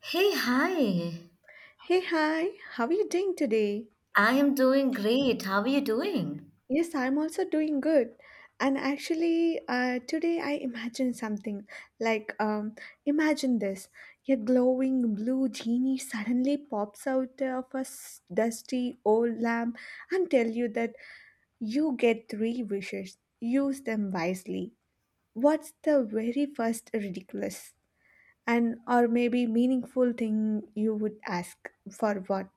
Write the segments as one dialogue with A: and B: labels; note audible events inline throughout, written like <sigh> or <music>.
A: Hey, hi.
B: Hey, hi, how are you doing today?
A: I am doing great. How are you doing?
B: Yes, I'm also doing good. And actually, today I imagined something like, imagine this, a glowing blue genie suddenly pops out of a dusty old lamp and tell you that you get three wishes. Use them wisely. What's the very first ridiculous and or maybe meaningful thing you would ask for what?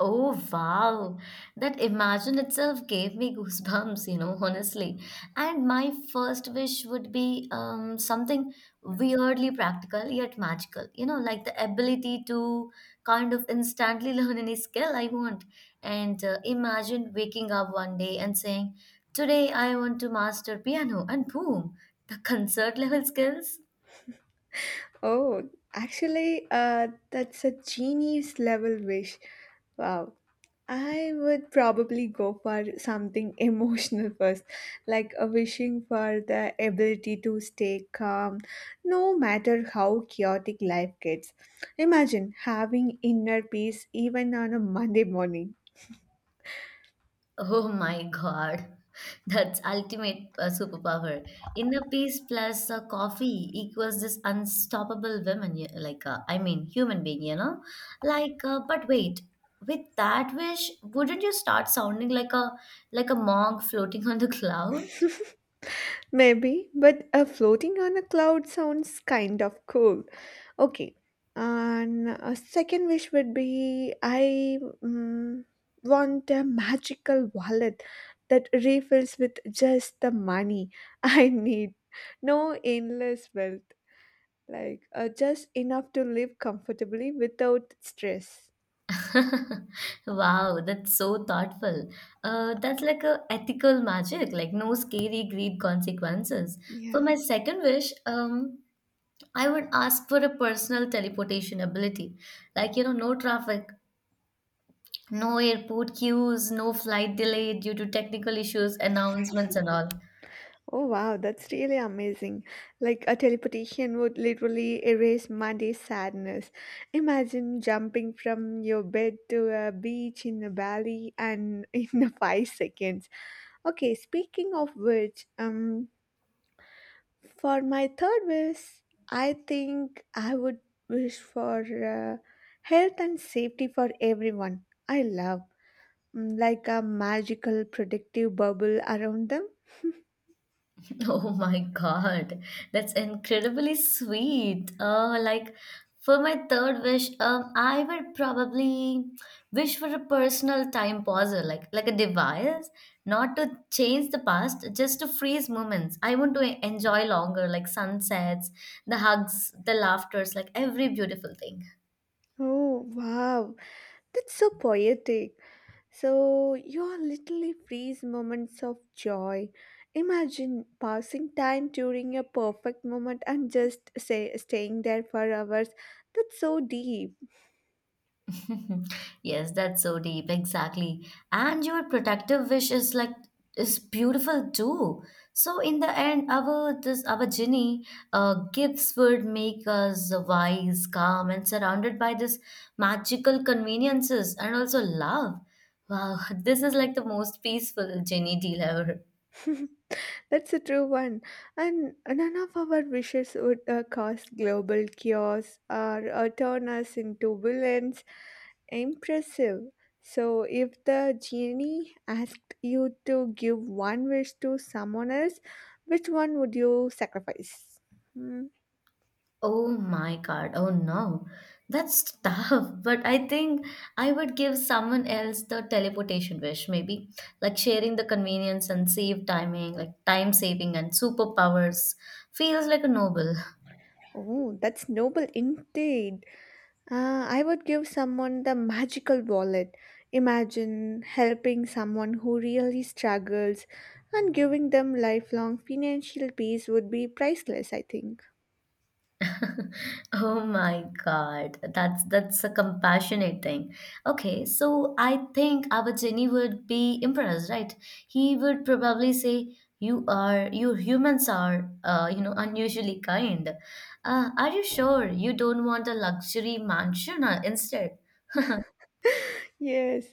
A: Oh, wow. That imagine itself gave me goosebumps, you know, honestly. And my first wish would be something weirdly practical yet magical, you know, like the ability to kind of instantly <laughs> learn any skill I want. And imagine waking up one day and saying, today I want to master piano, and boom, the concert level skills.
B: Oh, actually, that's a genius level wish. Wow. I would probably go for something <laughs> emotional first, like a wishing for the ability to stay calm no matter how chaotic life gets. Imagine having inner peace even on a Monday morning.
A: Oh my God. That's ultimate superpower. Inner peace plus coffee equals this unstoppable woman, like I mean, human being, you know. Like, but wait, with that wish, wouldn't you start sounding like a monk floating on the cloud?
B: <laughs> Maybe, but floating on a cloud sounds kind of cool. Okay, and a second wish would be I want a magical wallet that refills with just the money <laughs> I need. No endless wealth, like just enough to live comfortably without stress.
A: <laughs> Wow, that's so thoughtful. That's like a ethical magic, like no scary greed consequences. For
B: Yeah.
A: my second wish. I would ask for a personal teleportation ability. Like, you know, no traffic, no airport queues, no flight delay due to technical issues, announcements, and all.
B: Oh wow, that's really amazing. Like a teleportation would literally erase Monday's sadness. Imagine jumping from your bed to a beach in a valley and <laughs> in a 5 seconds. Okay, speaking of which, for my third wish, I think I would wish for uh, health and safety for everyone. I love like a magical protective bubble around them.
A: <laughs> Oh my God, that's incredibly sweet. Like for my third wish, I would probably wish for a personal time pauser, like a device, not to change the past, just to freeze moments. I want to enjoy longer, like sunsets, the hugs, the laughters, like every beautiful thing.
B: Oh wow, that's so poetic. So, your literally freeze moments of joy. Imagine passing time during a perfect moment and just say staying there for hours. That's so deep.
A: <laughs> Yes, that's so deep, exactly. And your protective wish is is beautiful too. So in the end, our genie gifts would make us wise, calm, and surrounded by this magical conveniences and also love. Wow, <laughs> this is like the most peaceful genie deal ever.
B: <laughs> That's a true one. And none of our wishes would cause global chaos or turn us into villains. Impressive. So, if the genie asked you to give one wish to someone else, which one would you sacrifice? Hmm.
A: Oh my God. Oh no. That's tough. <laughs> But I think I would give someone else the teleportation wish, maybe like sharing the convenience and save timing, like time saving and superpowers feels like a noble. <laughs>
B: Oh, that's noble indeed. I would give someone the magical wallet. Imagine helping someone who really struggles and giving them lifelong financial peace would be priceless, I think.
A: <laughs> Oh my God, that's a compassionate thing. Okay, so I think our Jenny would be impressed, right? He would probably say, "You are, you humans are, you know, unusually kind. Are you sure you don't want a luxury mansion instead?"
B: Yes,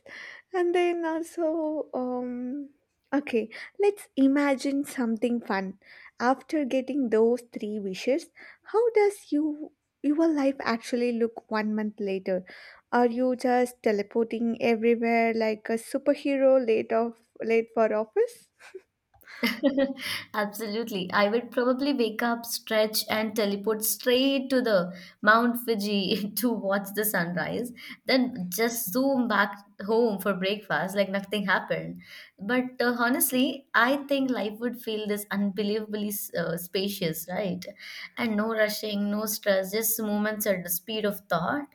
B: and then also, okay, let's imagine something fun. After getting those three wishes, how does your life actually look one month later? Are you just teleporting everywhere like a superhero late of late for office?
A: <laughs> Absolutely. I would probably wake up, stretch, and teleport straight to the Mount Fuji <laughs> to watch the sunrise, then just zoom back home for breakfast like nothing happened. But honestly, I think life would feel this unbelievably spacious, right? And no rushing, no stress, just moments at the speed of thought.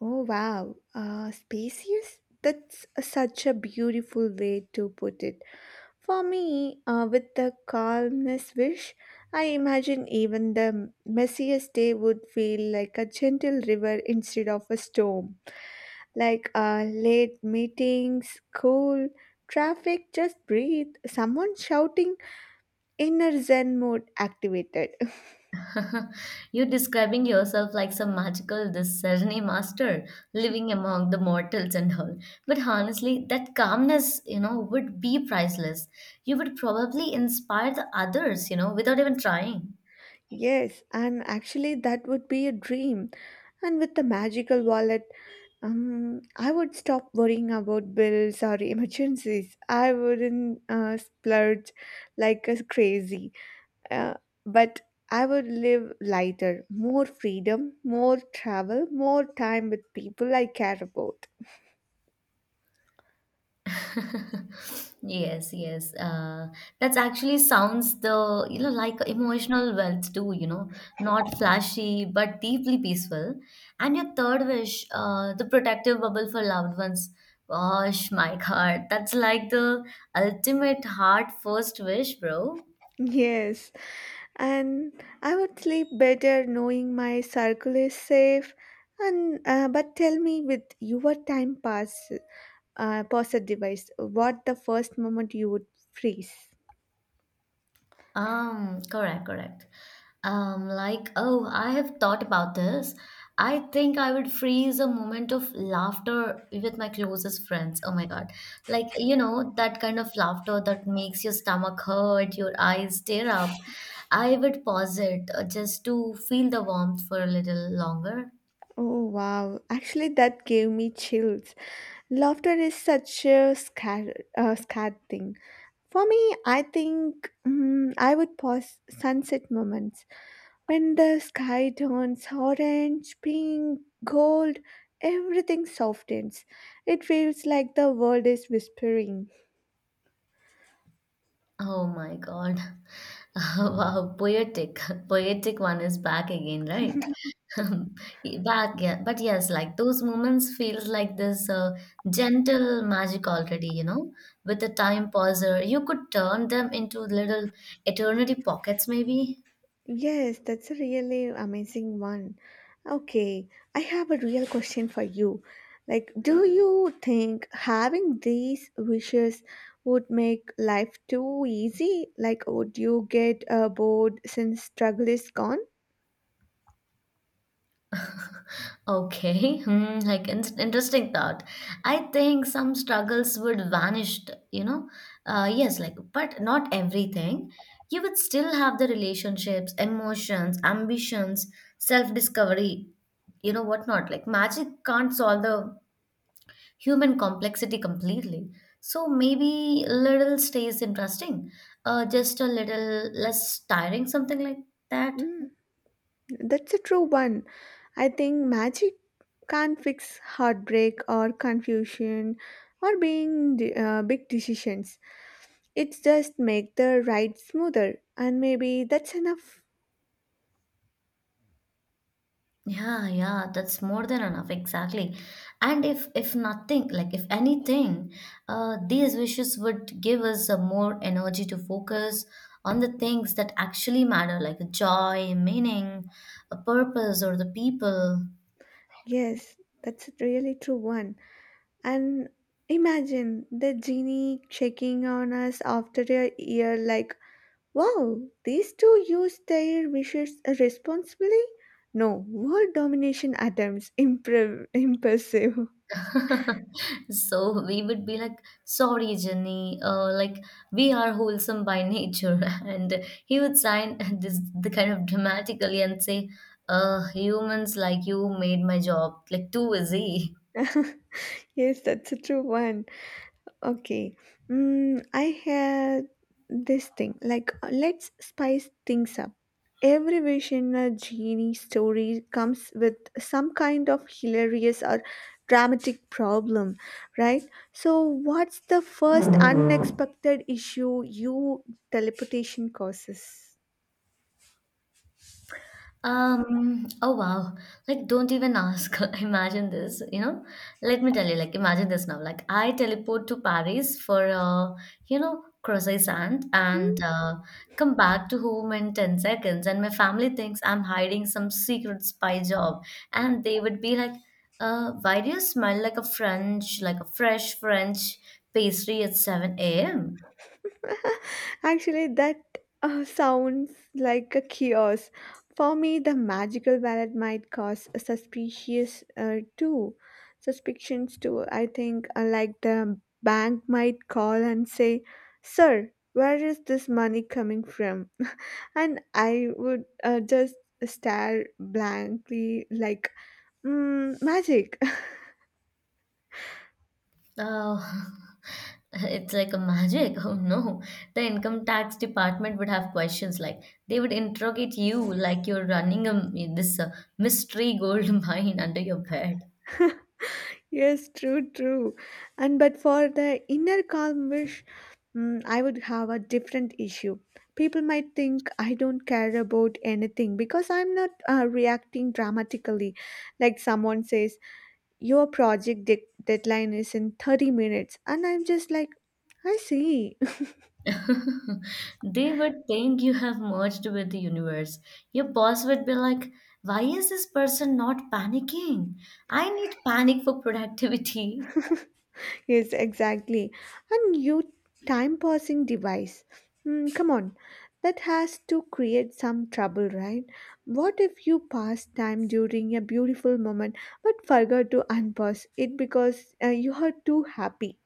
B: Oh wow, spacious. That's such a beautiful way to put it. For me, with the calmness wish, I imagine even the messiest day would feel like a gentle river instead of a storm. Like late meetings, school, traffic, just breathe. Someone shouting, inner Zen mode activated.
A: <laughs> You're describing yourself like some magical this discerning master living among the mortals and all. But honestly, that calmness, you know, would be priceless. You would probably inspire the others, you know, without even trying.
B: Yes, and actually, that would be a dream. And with the magical wallet, I would stop worrying about bills or <laughs> emergencies. I wouldn't splurge like a crazy, uh, but I would live lighter, more freedom, more travel, more time with people I care about. <laughs>
A: <laughs> Yes, yes. That's actually sounds the, you know, like emotional wealth too, you know, not flashy but deeply peaceful. And your third wish, the protective bubble for loved ones. Gosh, my <laughs> God, that's like the ultimate heart first wish, bro.
B: Yes, and I would sleep better knowing my circle is safe. And but tell me, with your time passes. Pause a device. What the first moment you would freeze?
A: Correct. Like, oh, I have thought about this. I think I would freeze a moment of laughter with my closest friends. Oh my God. Like, you know, that kind of laughter that makes your stomach hurt, your eyes tear up. I would pause it just to feel the warmth for a little longer.
B: Oh wow! Actually, that gave me chills. Laughter is such a scared thing. For me, I think I would pause sunset moments when the sky turns orange, pink, gold. Everything softens. It feels like the world is whispering.
A: Oh my God. <laughs> Wow, poetic. <laughs> Poetic one is back again, right? <laughs> But yes, like those moments feels like this gentle magic already, you know, with a time pauser. You could turn them into little eternity pockets, maybe.
B: Yes, that's a really amazing one. Okay, I have a real question for you. Like, do you think having these wishes would make life too easy? Like, would you get bored since struggle is gone?
A: Okay, <laughs> hmm, like in interesting thought. I think some struggles would vanish, you know. Yes, like, but not everything. You would still have the relationships, emotions, ambitions, self-discovery, you know, whatnot. Like magic can't solve the human complexity completely. So maybe little stays interesting, just a little less tiring, something like that.
B: Mm, that's a true one. I think magic can't fix heartbreak or confusion or being big decisions. It just make the ride smoother, and maybe that's enough.
A: Yeah, yeah, that's more than enough, exactly. And if nothing, like if anything, these wishes would give us a more energy to focus on the things that actually matter, like joy, meaning, a purpose, or the people.
B: Yes, that's a really true one. And imagine the genie checking on us after a year, like, wow, these two used their wishes responsibly? No, world domination attempts, <laughs> impressive.
A: <laughs> So we would be like, sorry, Jenny, like we are wholesome by nature. <laughs> And he would sign this the kind of dramatically and say, humans like you made my job like too easy.
B: <laughs> Yes, that's a true one. Okay. Mm, I had this thing like, let's spice things up. Every wish in a genie story comes with some kind of hilarious or dramatic problem, right? So, what's the first unexpected issue you teleportation causes?
A: Oh wow. Like, don't even ask. <laughs> Imagine this, you know? Let me tell you, like, imagine this now. Like, I teleport to Paris for, you know, croissant and
B: Hmm?
A: come back to home in 10 seconds. And my family thinks I'm hiding some secret spy job. And they would be like, why do you smell like a French, like a fresh French pastry at 7 a.m.?
B: <laughs> Actually, that sounds like a chaos. For me, the magical ballot might cause a suspicions too. I think, like the bank might call and say, "Sir, where is this money coming from?" <laughs> And I would just stare blankly, like, magic. <laughs>
A: Oh, <laughs> it's like a magic. <laughs> Oh no. The income tax department would have questions like they would interrogate you like you're running a this mystery gold <laughs> mine under your bed.
B: Yes, true, true. And but for the inner calm wish, I would have a different issue. People might think I don't care about anything because I'm not reacting dramatically. Like someone says, your project deadline is in 30 minutes, and I'm just like, I see.
A: <laughs> They would think you have merged with the universe. Your boss would be like, "Why is this person not panicking? I need panic for productivity." <laughs>
B: Yes, exactly. And you time passing device. Come on, that has to create some trouble, right? What if you pass time during a beautiful moment but forgot to unpause it because you are too happy?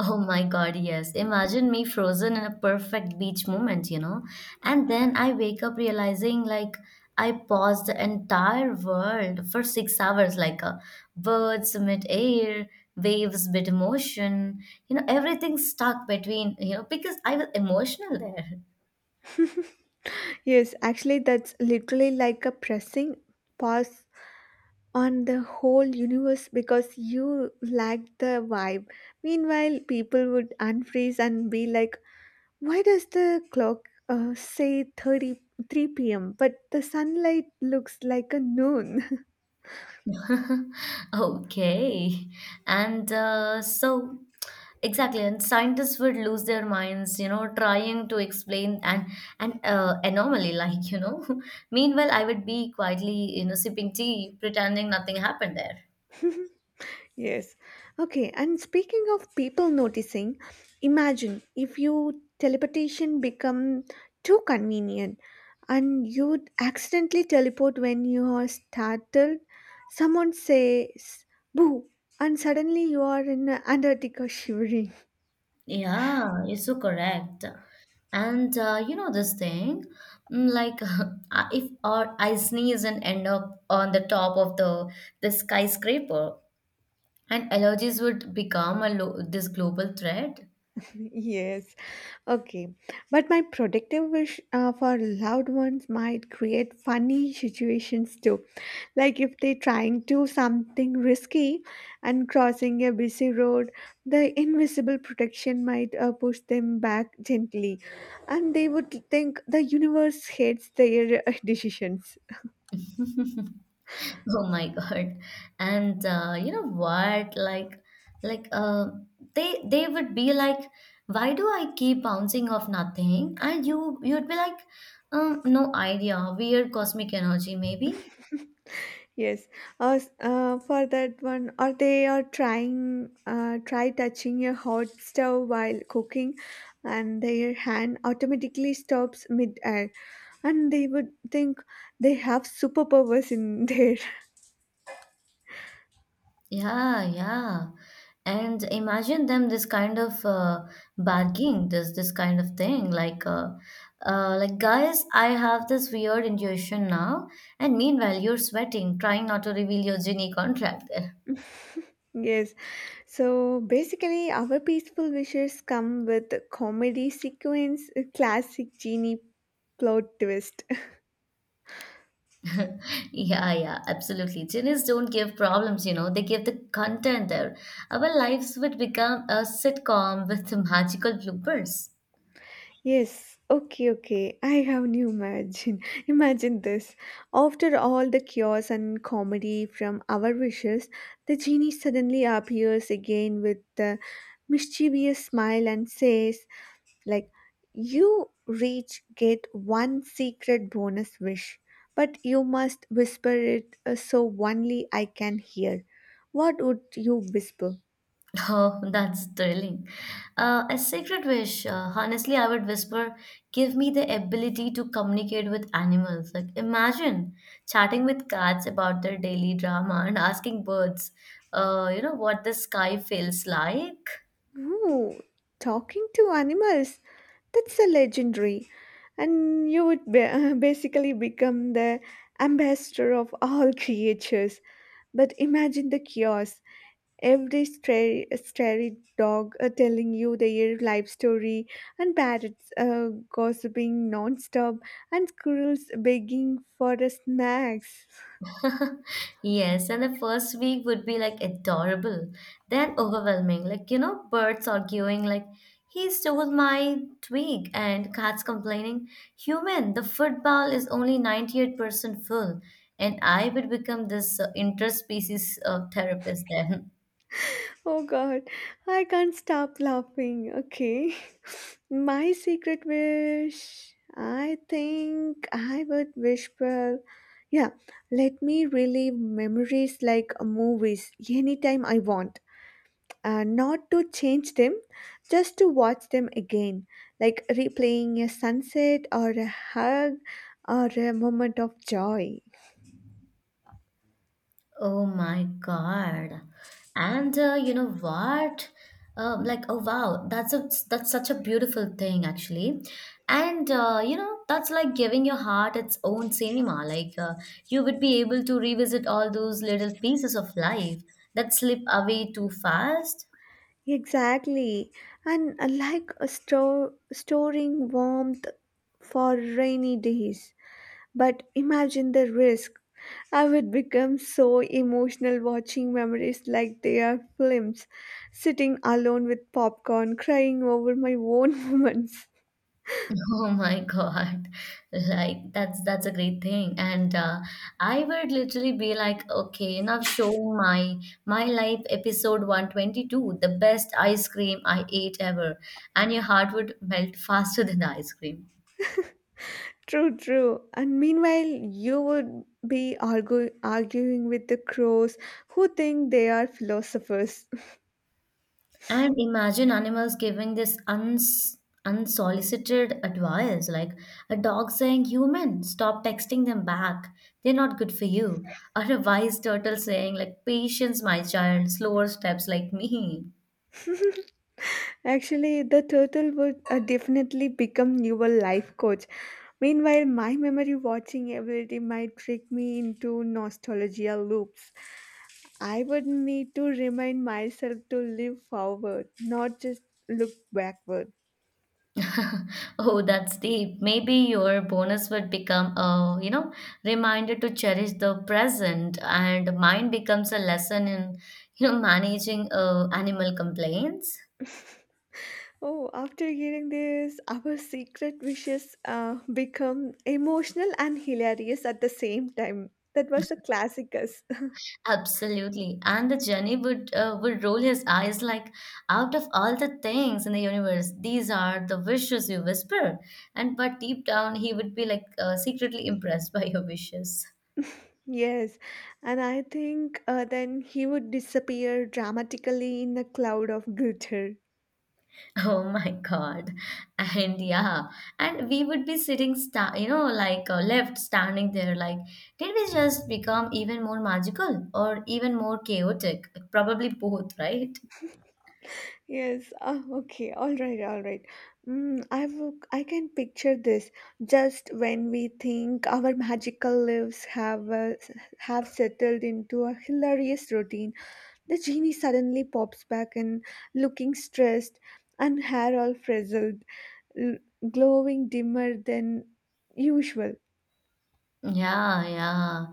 A: Oh my God, yes. Imagine me frozen in a perfect beach moment, you know? And then I wake up realizing like I paused the entire world for 6 hours, like a birds mid-air, waves mid-motion, you know, everything stuck between, you know, because I was emotional there.
B: Yes, actually, that's literally like a pressing pause on the whole universe because you lack the vibe. Meanwhile, people would unfreeze and be like, why does the clock say 33 p.m., but the sunlight looks like a noon?
A: <laughs> Okay. And Exactly, and scientists would lose their minds, you know, trying to explain an anomaly, <laughs> like you know. <laughs> Meanwhile, I would be quietly, you know, sipping tea, pretending nothing happened there.
B: <laughs> Yes. Okay, and speaking of people noticing, imagine if your teleportation become too convenient and you accidentally teleport when you are startled. Someone says, boo, and suddenly you are in Antarctica <laughs> shivering.
A: Yeah, you're so correct. And you know this thing, mm, like <laughs> if or I sneeze and end up on the top of the skyscraper, and allergies would become a this global threat.
B: <laughs> Yes. Okay. But my protective wish for loved ones might create funny situations too. Like if they're trying to something risky and crossing a busy road, the invisible protection might push them back gently, and they would think the universe hates their <laughs> decisions.
A: <laughs> <laughs> Oh my God. And you know what? Like they would be like, why do I keep bouncing off nothing? And you'd be like, no idea. Weird cosmic energy, maybe.
B: Yes. For that one, or they are try touching a hot stove while cooking, and their hand automatically stops mid-air, and they would think they have superpowers in there.
A: Yeah, yeah. And imagine them this kind of bargaining, this kind of thing. Like guys, I have this weird intuition now, and meanwhile you're sweating, trying not to reveal your genie contract. <laughs>
B: <laughs> Yes. So basically, our peaceful wishes come with a comedy sequence, a classic genie plot twist.
A: Yeah, yeah, absolutely. Genies don't give problems, you know, they give the content there. Our lives would become a sitcom with magical bloopers. <laughs>
B: Yes, okay, okay. I have new imagine. <laughs> Imagine this. After all the chaos and comedy from our wishes, the genie suddenly appears again with the mischievous smile and says, like, you reach get one secret bonus wish, but you must whisper it so only I can hear. What would you whisper?
A: Oh, that's thrilling. A secret wish. Honestly, I would whisper, give me the ability to communicate with animals. Like, imagine chatting with cats about their daily drama and asking birds, you know, what the sky feels like.
B: Oh, talking to animals. That's a legendary. And you would <laughs> basically become the ambassador of all <laughs> creatures. But imagine the chaos. Every stray dog telling you their life story, and parrots gossiping non-stop, and squirrels begging for the snacks.
A: <laughs> Yes, and the first week would be like adorable, then overwhelming. Like, you know, birds arguing, like, he stole my twig, and cats complaining, human, the football is only 98% full. And I would become this interspecies therapist then.
B: Oh God, I can't stop laughing. Okay. <laughs> My secret wish, I think I would wish for, yeah, let me relive memories like movies anytime I want. Not to change them, just to watch them again, like replaying a sunset or a hug or a moment of joy.
A: Oh my God. And you know what? Like oh wow, that's such a beautiful thing actually. And you know that's like giving your heart its own cinema. Like you would be able to revisit all those little pieces of life that slip away too fast.
B: Exactly. And like a storing warmth for rainy days. But imagine the risk. I would become so emotional watching memories like they are films, sitting alone with popcorn, crying over my own <laughs> moments.
A: <laughs> Oh my God. Like that's a great thing. And I would literally be like, okay, enough showing my life episode 122, the best ice cream I ate ever. And your heart would melt <laughs> faster than the ice cream.
B: True, true. And meanwhile, you would be arguing with the crows who think they are philosophers.
A: And imagine animals giving this unsolicited advice, like a dog saying, "Human, stop texting them back. They're not good for you." Or a wise turtle saying, "Like patience, my child, slower steps like me."
B: Actually, the turtle would definitely become your life coach. Meanwhile, my memory watching ability might trick me into nostalgia loops. I would need to remind myself to live forward, not just look backward.
A: <laughs> Oh, that's deep. Maybe your bonus would become a, you know, reminder to cherish the present, and mine becomes a lesson in, you know, managing animal complaints.
B: Oh, after hearing this, our secret wishes become emotional and hilarious at the same time. That was a classic.
A: Absolutely. And the Jenny would roll his eyes like, out of all the things in the universe, these are the wishes you whisper. And but deep down, he would be like secretly impressed by your wishes. <laughs>
B: Yes, and I think then he would disappear dramatically in a cloud of glitter.
A: Oh my God. And yeah, and we would be sitting, you know, like left standing there, like, did we just become even more magical or even more chaotic? Probably both, right?
B: Yes, ah. Okay, all right, all right. I can picture this just when we think our magical lives have settled into a hilarious routine. The genie suddenly pops back and looking stressed and hair all frizzled, l- glowing dimmer than usual.
A: Yeah, yeah.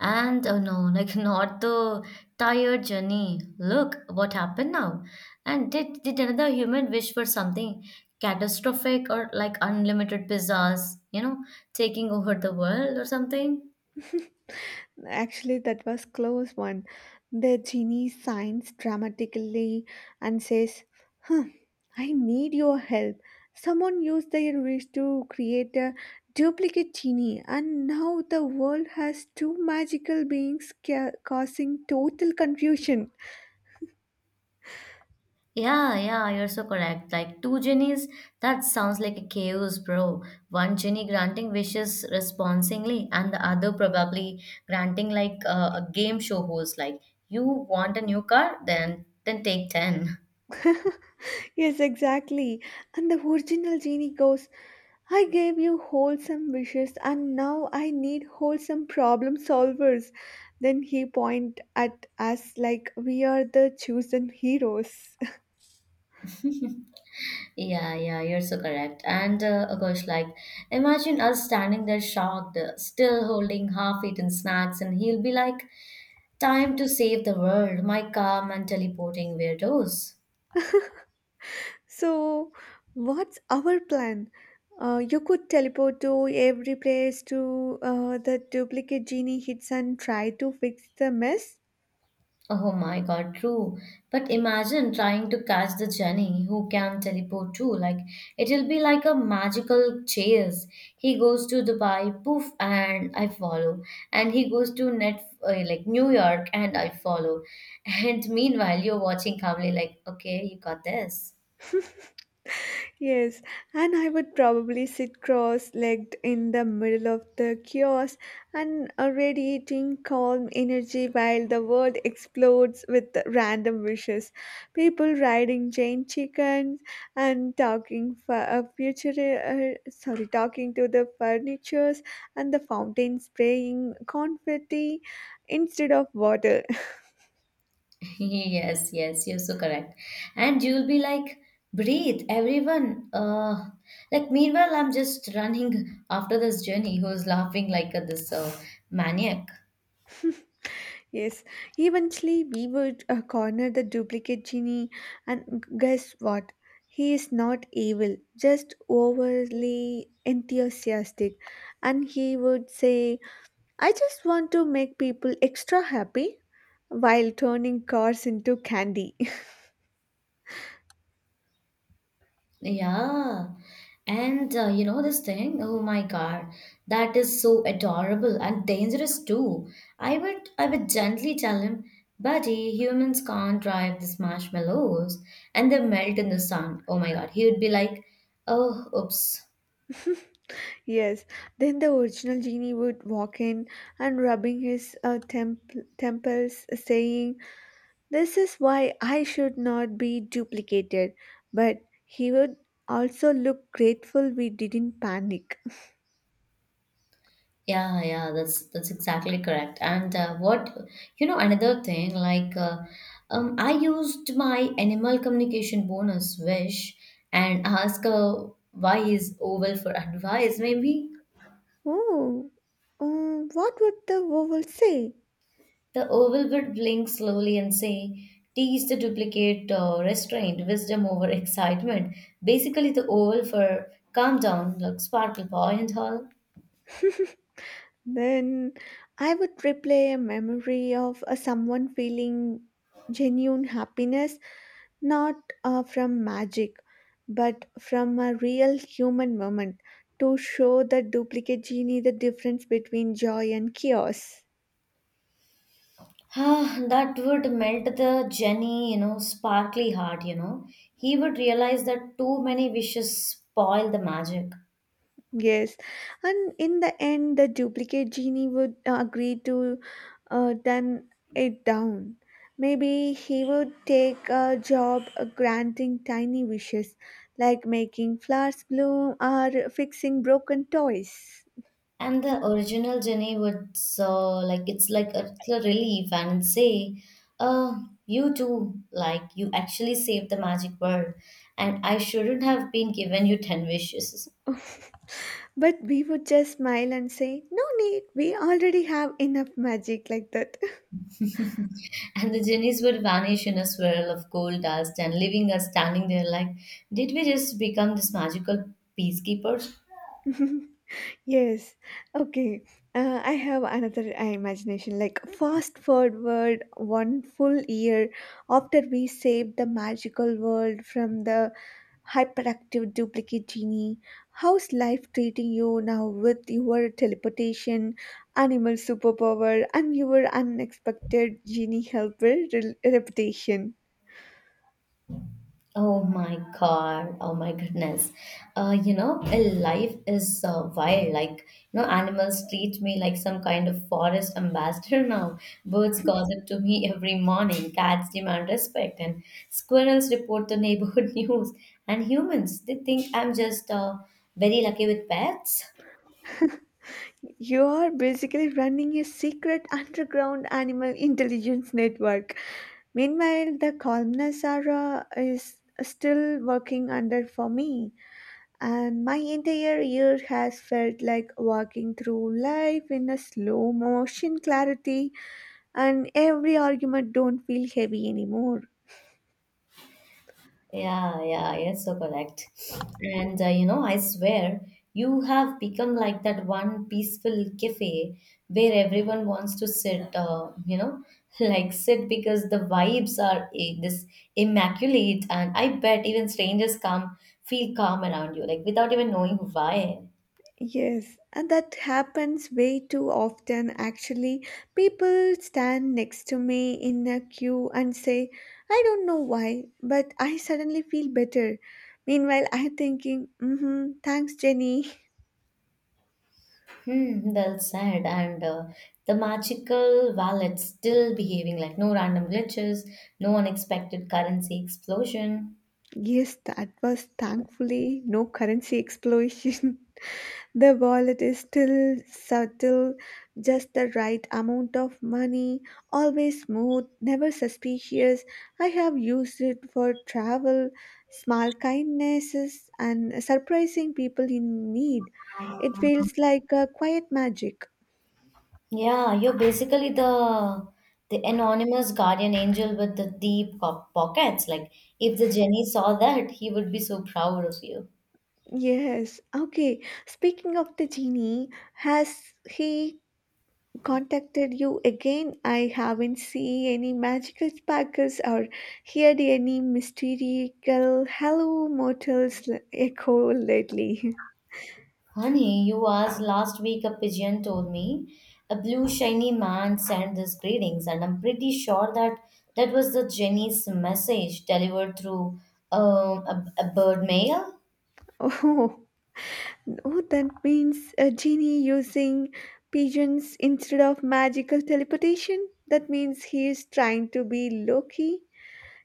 A: And oh no, <laughs> like not the tired journey. Look what happened now. And did another human wish for something catastrophic or like unlimited pizzas, you know, taking over the world or something?
B: <laughs> Actually, that was close one. The genie signs dramatically and says, "Hmm, I need your help. Someone used their wish to create a duplicate genie, and now the world has two magical beings causing total confusion." <laughs>
A: Yeah, yeah, you're so correct. Like two genies, that sounds like a chaos, bro. One genie granting wishes responsingly, and the other probably granting like a game show host. Like, you want a new car, then take ten.
B: Yes, exactly. And the original genie goes, I gave you wholesome wishes and now I need wholesome problem solvers. Then he point at us like we are the chosen heroes. <laughs>
A: <laughs> Yeah, yeah, you're so correct. And oh gosh, like imagine us standing there shocked, still holding half-eaten snacks, and he'll be like, "Time to save the world." My calm and teleporting weirdos.
B: So what's our plan? You could teleport to every place to, the duplicate genie hits and try to fix the mess.
A: Oh my God, true. But imagine trying to catch the Jenny who can teleport too. Like it'll be like a magical chase. He goes to Dubai, poof, and I follow. And he goes to net like New York, and I follow. <laughs> And meanwhile, you're watching calmly, like, okay, you got this.
B: <laughs> Yes, and I would probably sit cross legged in the middle of the kiosk, and radiating calm energy while the world explodes with random wishes. People riding Jane chickens and talking for future, sorry, talking to the furnitures and the fountain spraying confetti instead of water.
A: <laughs> Yes, yes, you're so correct. And you'll be like, breathe, everyone. Like, meanwhile, I'm just running after this journey who's laughing like this maniac.
B: Yes, eventually we would corner the duplicate genie, and guess what? He is not evil, just overly enthusiastic. And he would say, I just want to make people extra happy while turning cars into candy.
A: Yeah. And you know this thing? Oh my God, that is so adorable and dangerous too. I would gently tell him, buddy, humans can't drive these marshmallows and they melt in the sun. Oh my God, he would be like, oh, oops.
B: <laughs> Yes, then the original genie would walk in and rubbing his temples, saying, this is why I should not be duplicated, but he would also look grateful we didn't panic.
A: Yeah, yeah, that's exactly correct. And what you know, another thing like I used my animal communication bonus wish and ask why is oval for advice. Maybe
B: Oh, what would the vowel say?
A: the oval would blink slowly and say, "Tease the duplicate restraint, wisdom over <laughs> excitement." Basically, the oval for calm down, like sparkle boy and all.
B: <laughs> Then I would replay a memory of someone feeling genuine happiness, not from magic, but from a real human moment to show the duplicate genie the difference between joy and chaos.
A: Ah, that would melt the Jenny, you know, sparkly heart, you know. He would realize that too many wishes spoil the magic.
B: Yes, and in the end, the duplicate genie would agree to dumb it down. Maybe he would take a job granting tiny wishes, like making flowers bloom or fixing broken toys.
A: And the original Jenny would, so like, it's like it's a relief and say, uh, you too, like, you actually saved the magic world. And I shouldn't have been given you 10 wishes.
B: <laughs> But we would just smile and say, no need, we already have enough magic like that.
A: <laughs> And the genies would vanish in a swirl of gold dust and leaving us standing there like, did we just become this magical peacekeepers?
B: <laughs> Yes. Okay. I have another imagination. Like fast forward one full year after we saved the magical world from the hyperactive duplicate genie. How's life treating you now with your teleportation, animal superpower, and your unexpected genie helper reputation?
A: Oh my God. Oh my goodness. You know, a life is wild. Like, you know, animals treat me like some kind of forest ambassador now. Birds gossip to me every morning. Cats demand respect. And squirrels report the neighborhood <laughs> news. And humans, they think I'm just very lucky with pets.
B: You are basically running a secret underground animal intelligence network. Meanwhile, the columnist Sarah is still working under for me, and my entire year has felt like walking through life in a slow motion clarity, and every argument don't feel heavy anymore.
A: Yeah, yeah, yes, so correct. And you know, I swear you have become like that one peaceful cafe where everyone wants to sit, you know, <laughs> like sit because the vibes are this immaculate. And I bet even strangers come, feel calm around you, like without even knowing why.
B: Yes, and that happens way too often actually. People stand next to me in a queue and say, I don't know why, but I suddenly feel better. Meanwhile, I'm thinking, mm-hmm, thanks, Jenny. <laughs>
A: Hmm, well said. And the magical wallet still behaving like no random glitches, no unexpected currency explosion.
B: Yes, that was thankfully no currency explosion. <laughs> The wallet is still subtle, just the right amount of money, always smooth, never suspicious. I have used it for travel, small kindnesses, and surprising people in need. It feels like a quiet magic.
A: Yeah, you're basically the anonymous guardian angel with the deep pockets. Like if the Jenny saw that, he would be so proud of you.
B: Yes, okay. Speaking of the genie, has he contacted you again? I haven't seen any magical sparkles or heard any mystical hello mortals echo lately. <laughs>
A: Honey, you asked last week a pigeon told me a blue shiny man sent these greetings, and I'm pretty sure that was the Jenny's message delivered through um, a bird mail.
B: Oh, no, that means a genie using pigeons instead of magical teleportation. That means he is trying to be Loki.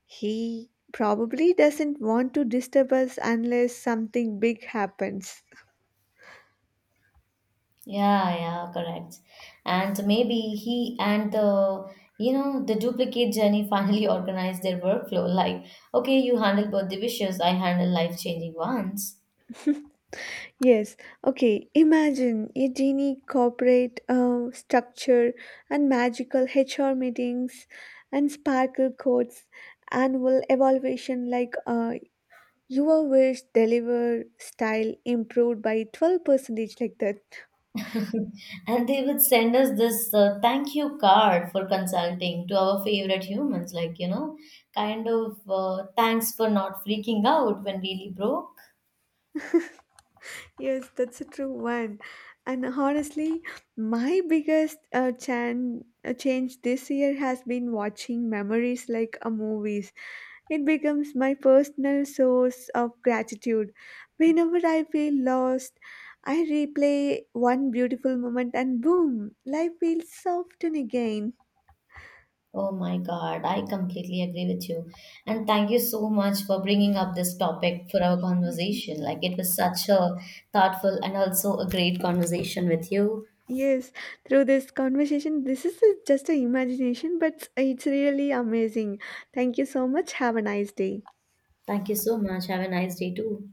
B: He probably doesn't want to disturb us unless something big happens.
A: Yeah, yeah, correct. And maybe he and the you know the duplicate journey finally <laughs> organized their workflow. Like, okay, you handle birthday wishes, I handle life changing ones.
B: <laughs> Yes, okay. Imagine a genie corporate structure and magical HR meetings and sparkle codes, annual evaluation like your wish deliver style improved by 12 percentage like that.
A: <laughs> And they would send us this thank you card for consulting to our favorite humans, like you know, kind of thanks for not freaking out when really broke.
B: Yes, that's a true one. And honestly, my biggest change this year has been watching memories like a movies. It becomes my personal source of gratitude. Whenever I feel lost, I replay one beautiful moment and boom, life feels softened again.
A: Oh my God, I completely agree with you. And thank you so much for bringing up this topic for our
B: Yes,
A: conversation. Like, it was such a thoughtful and also a great conversation with you.
B: Yes, through this conversation, this is just an imagination, but it's really amazing. Thank you so much. Have a nice day.
A: Thank you so much. Have a nice day, too.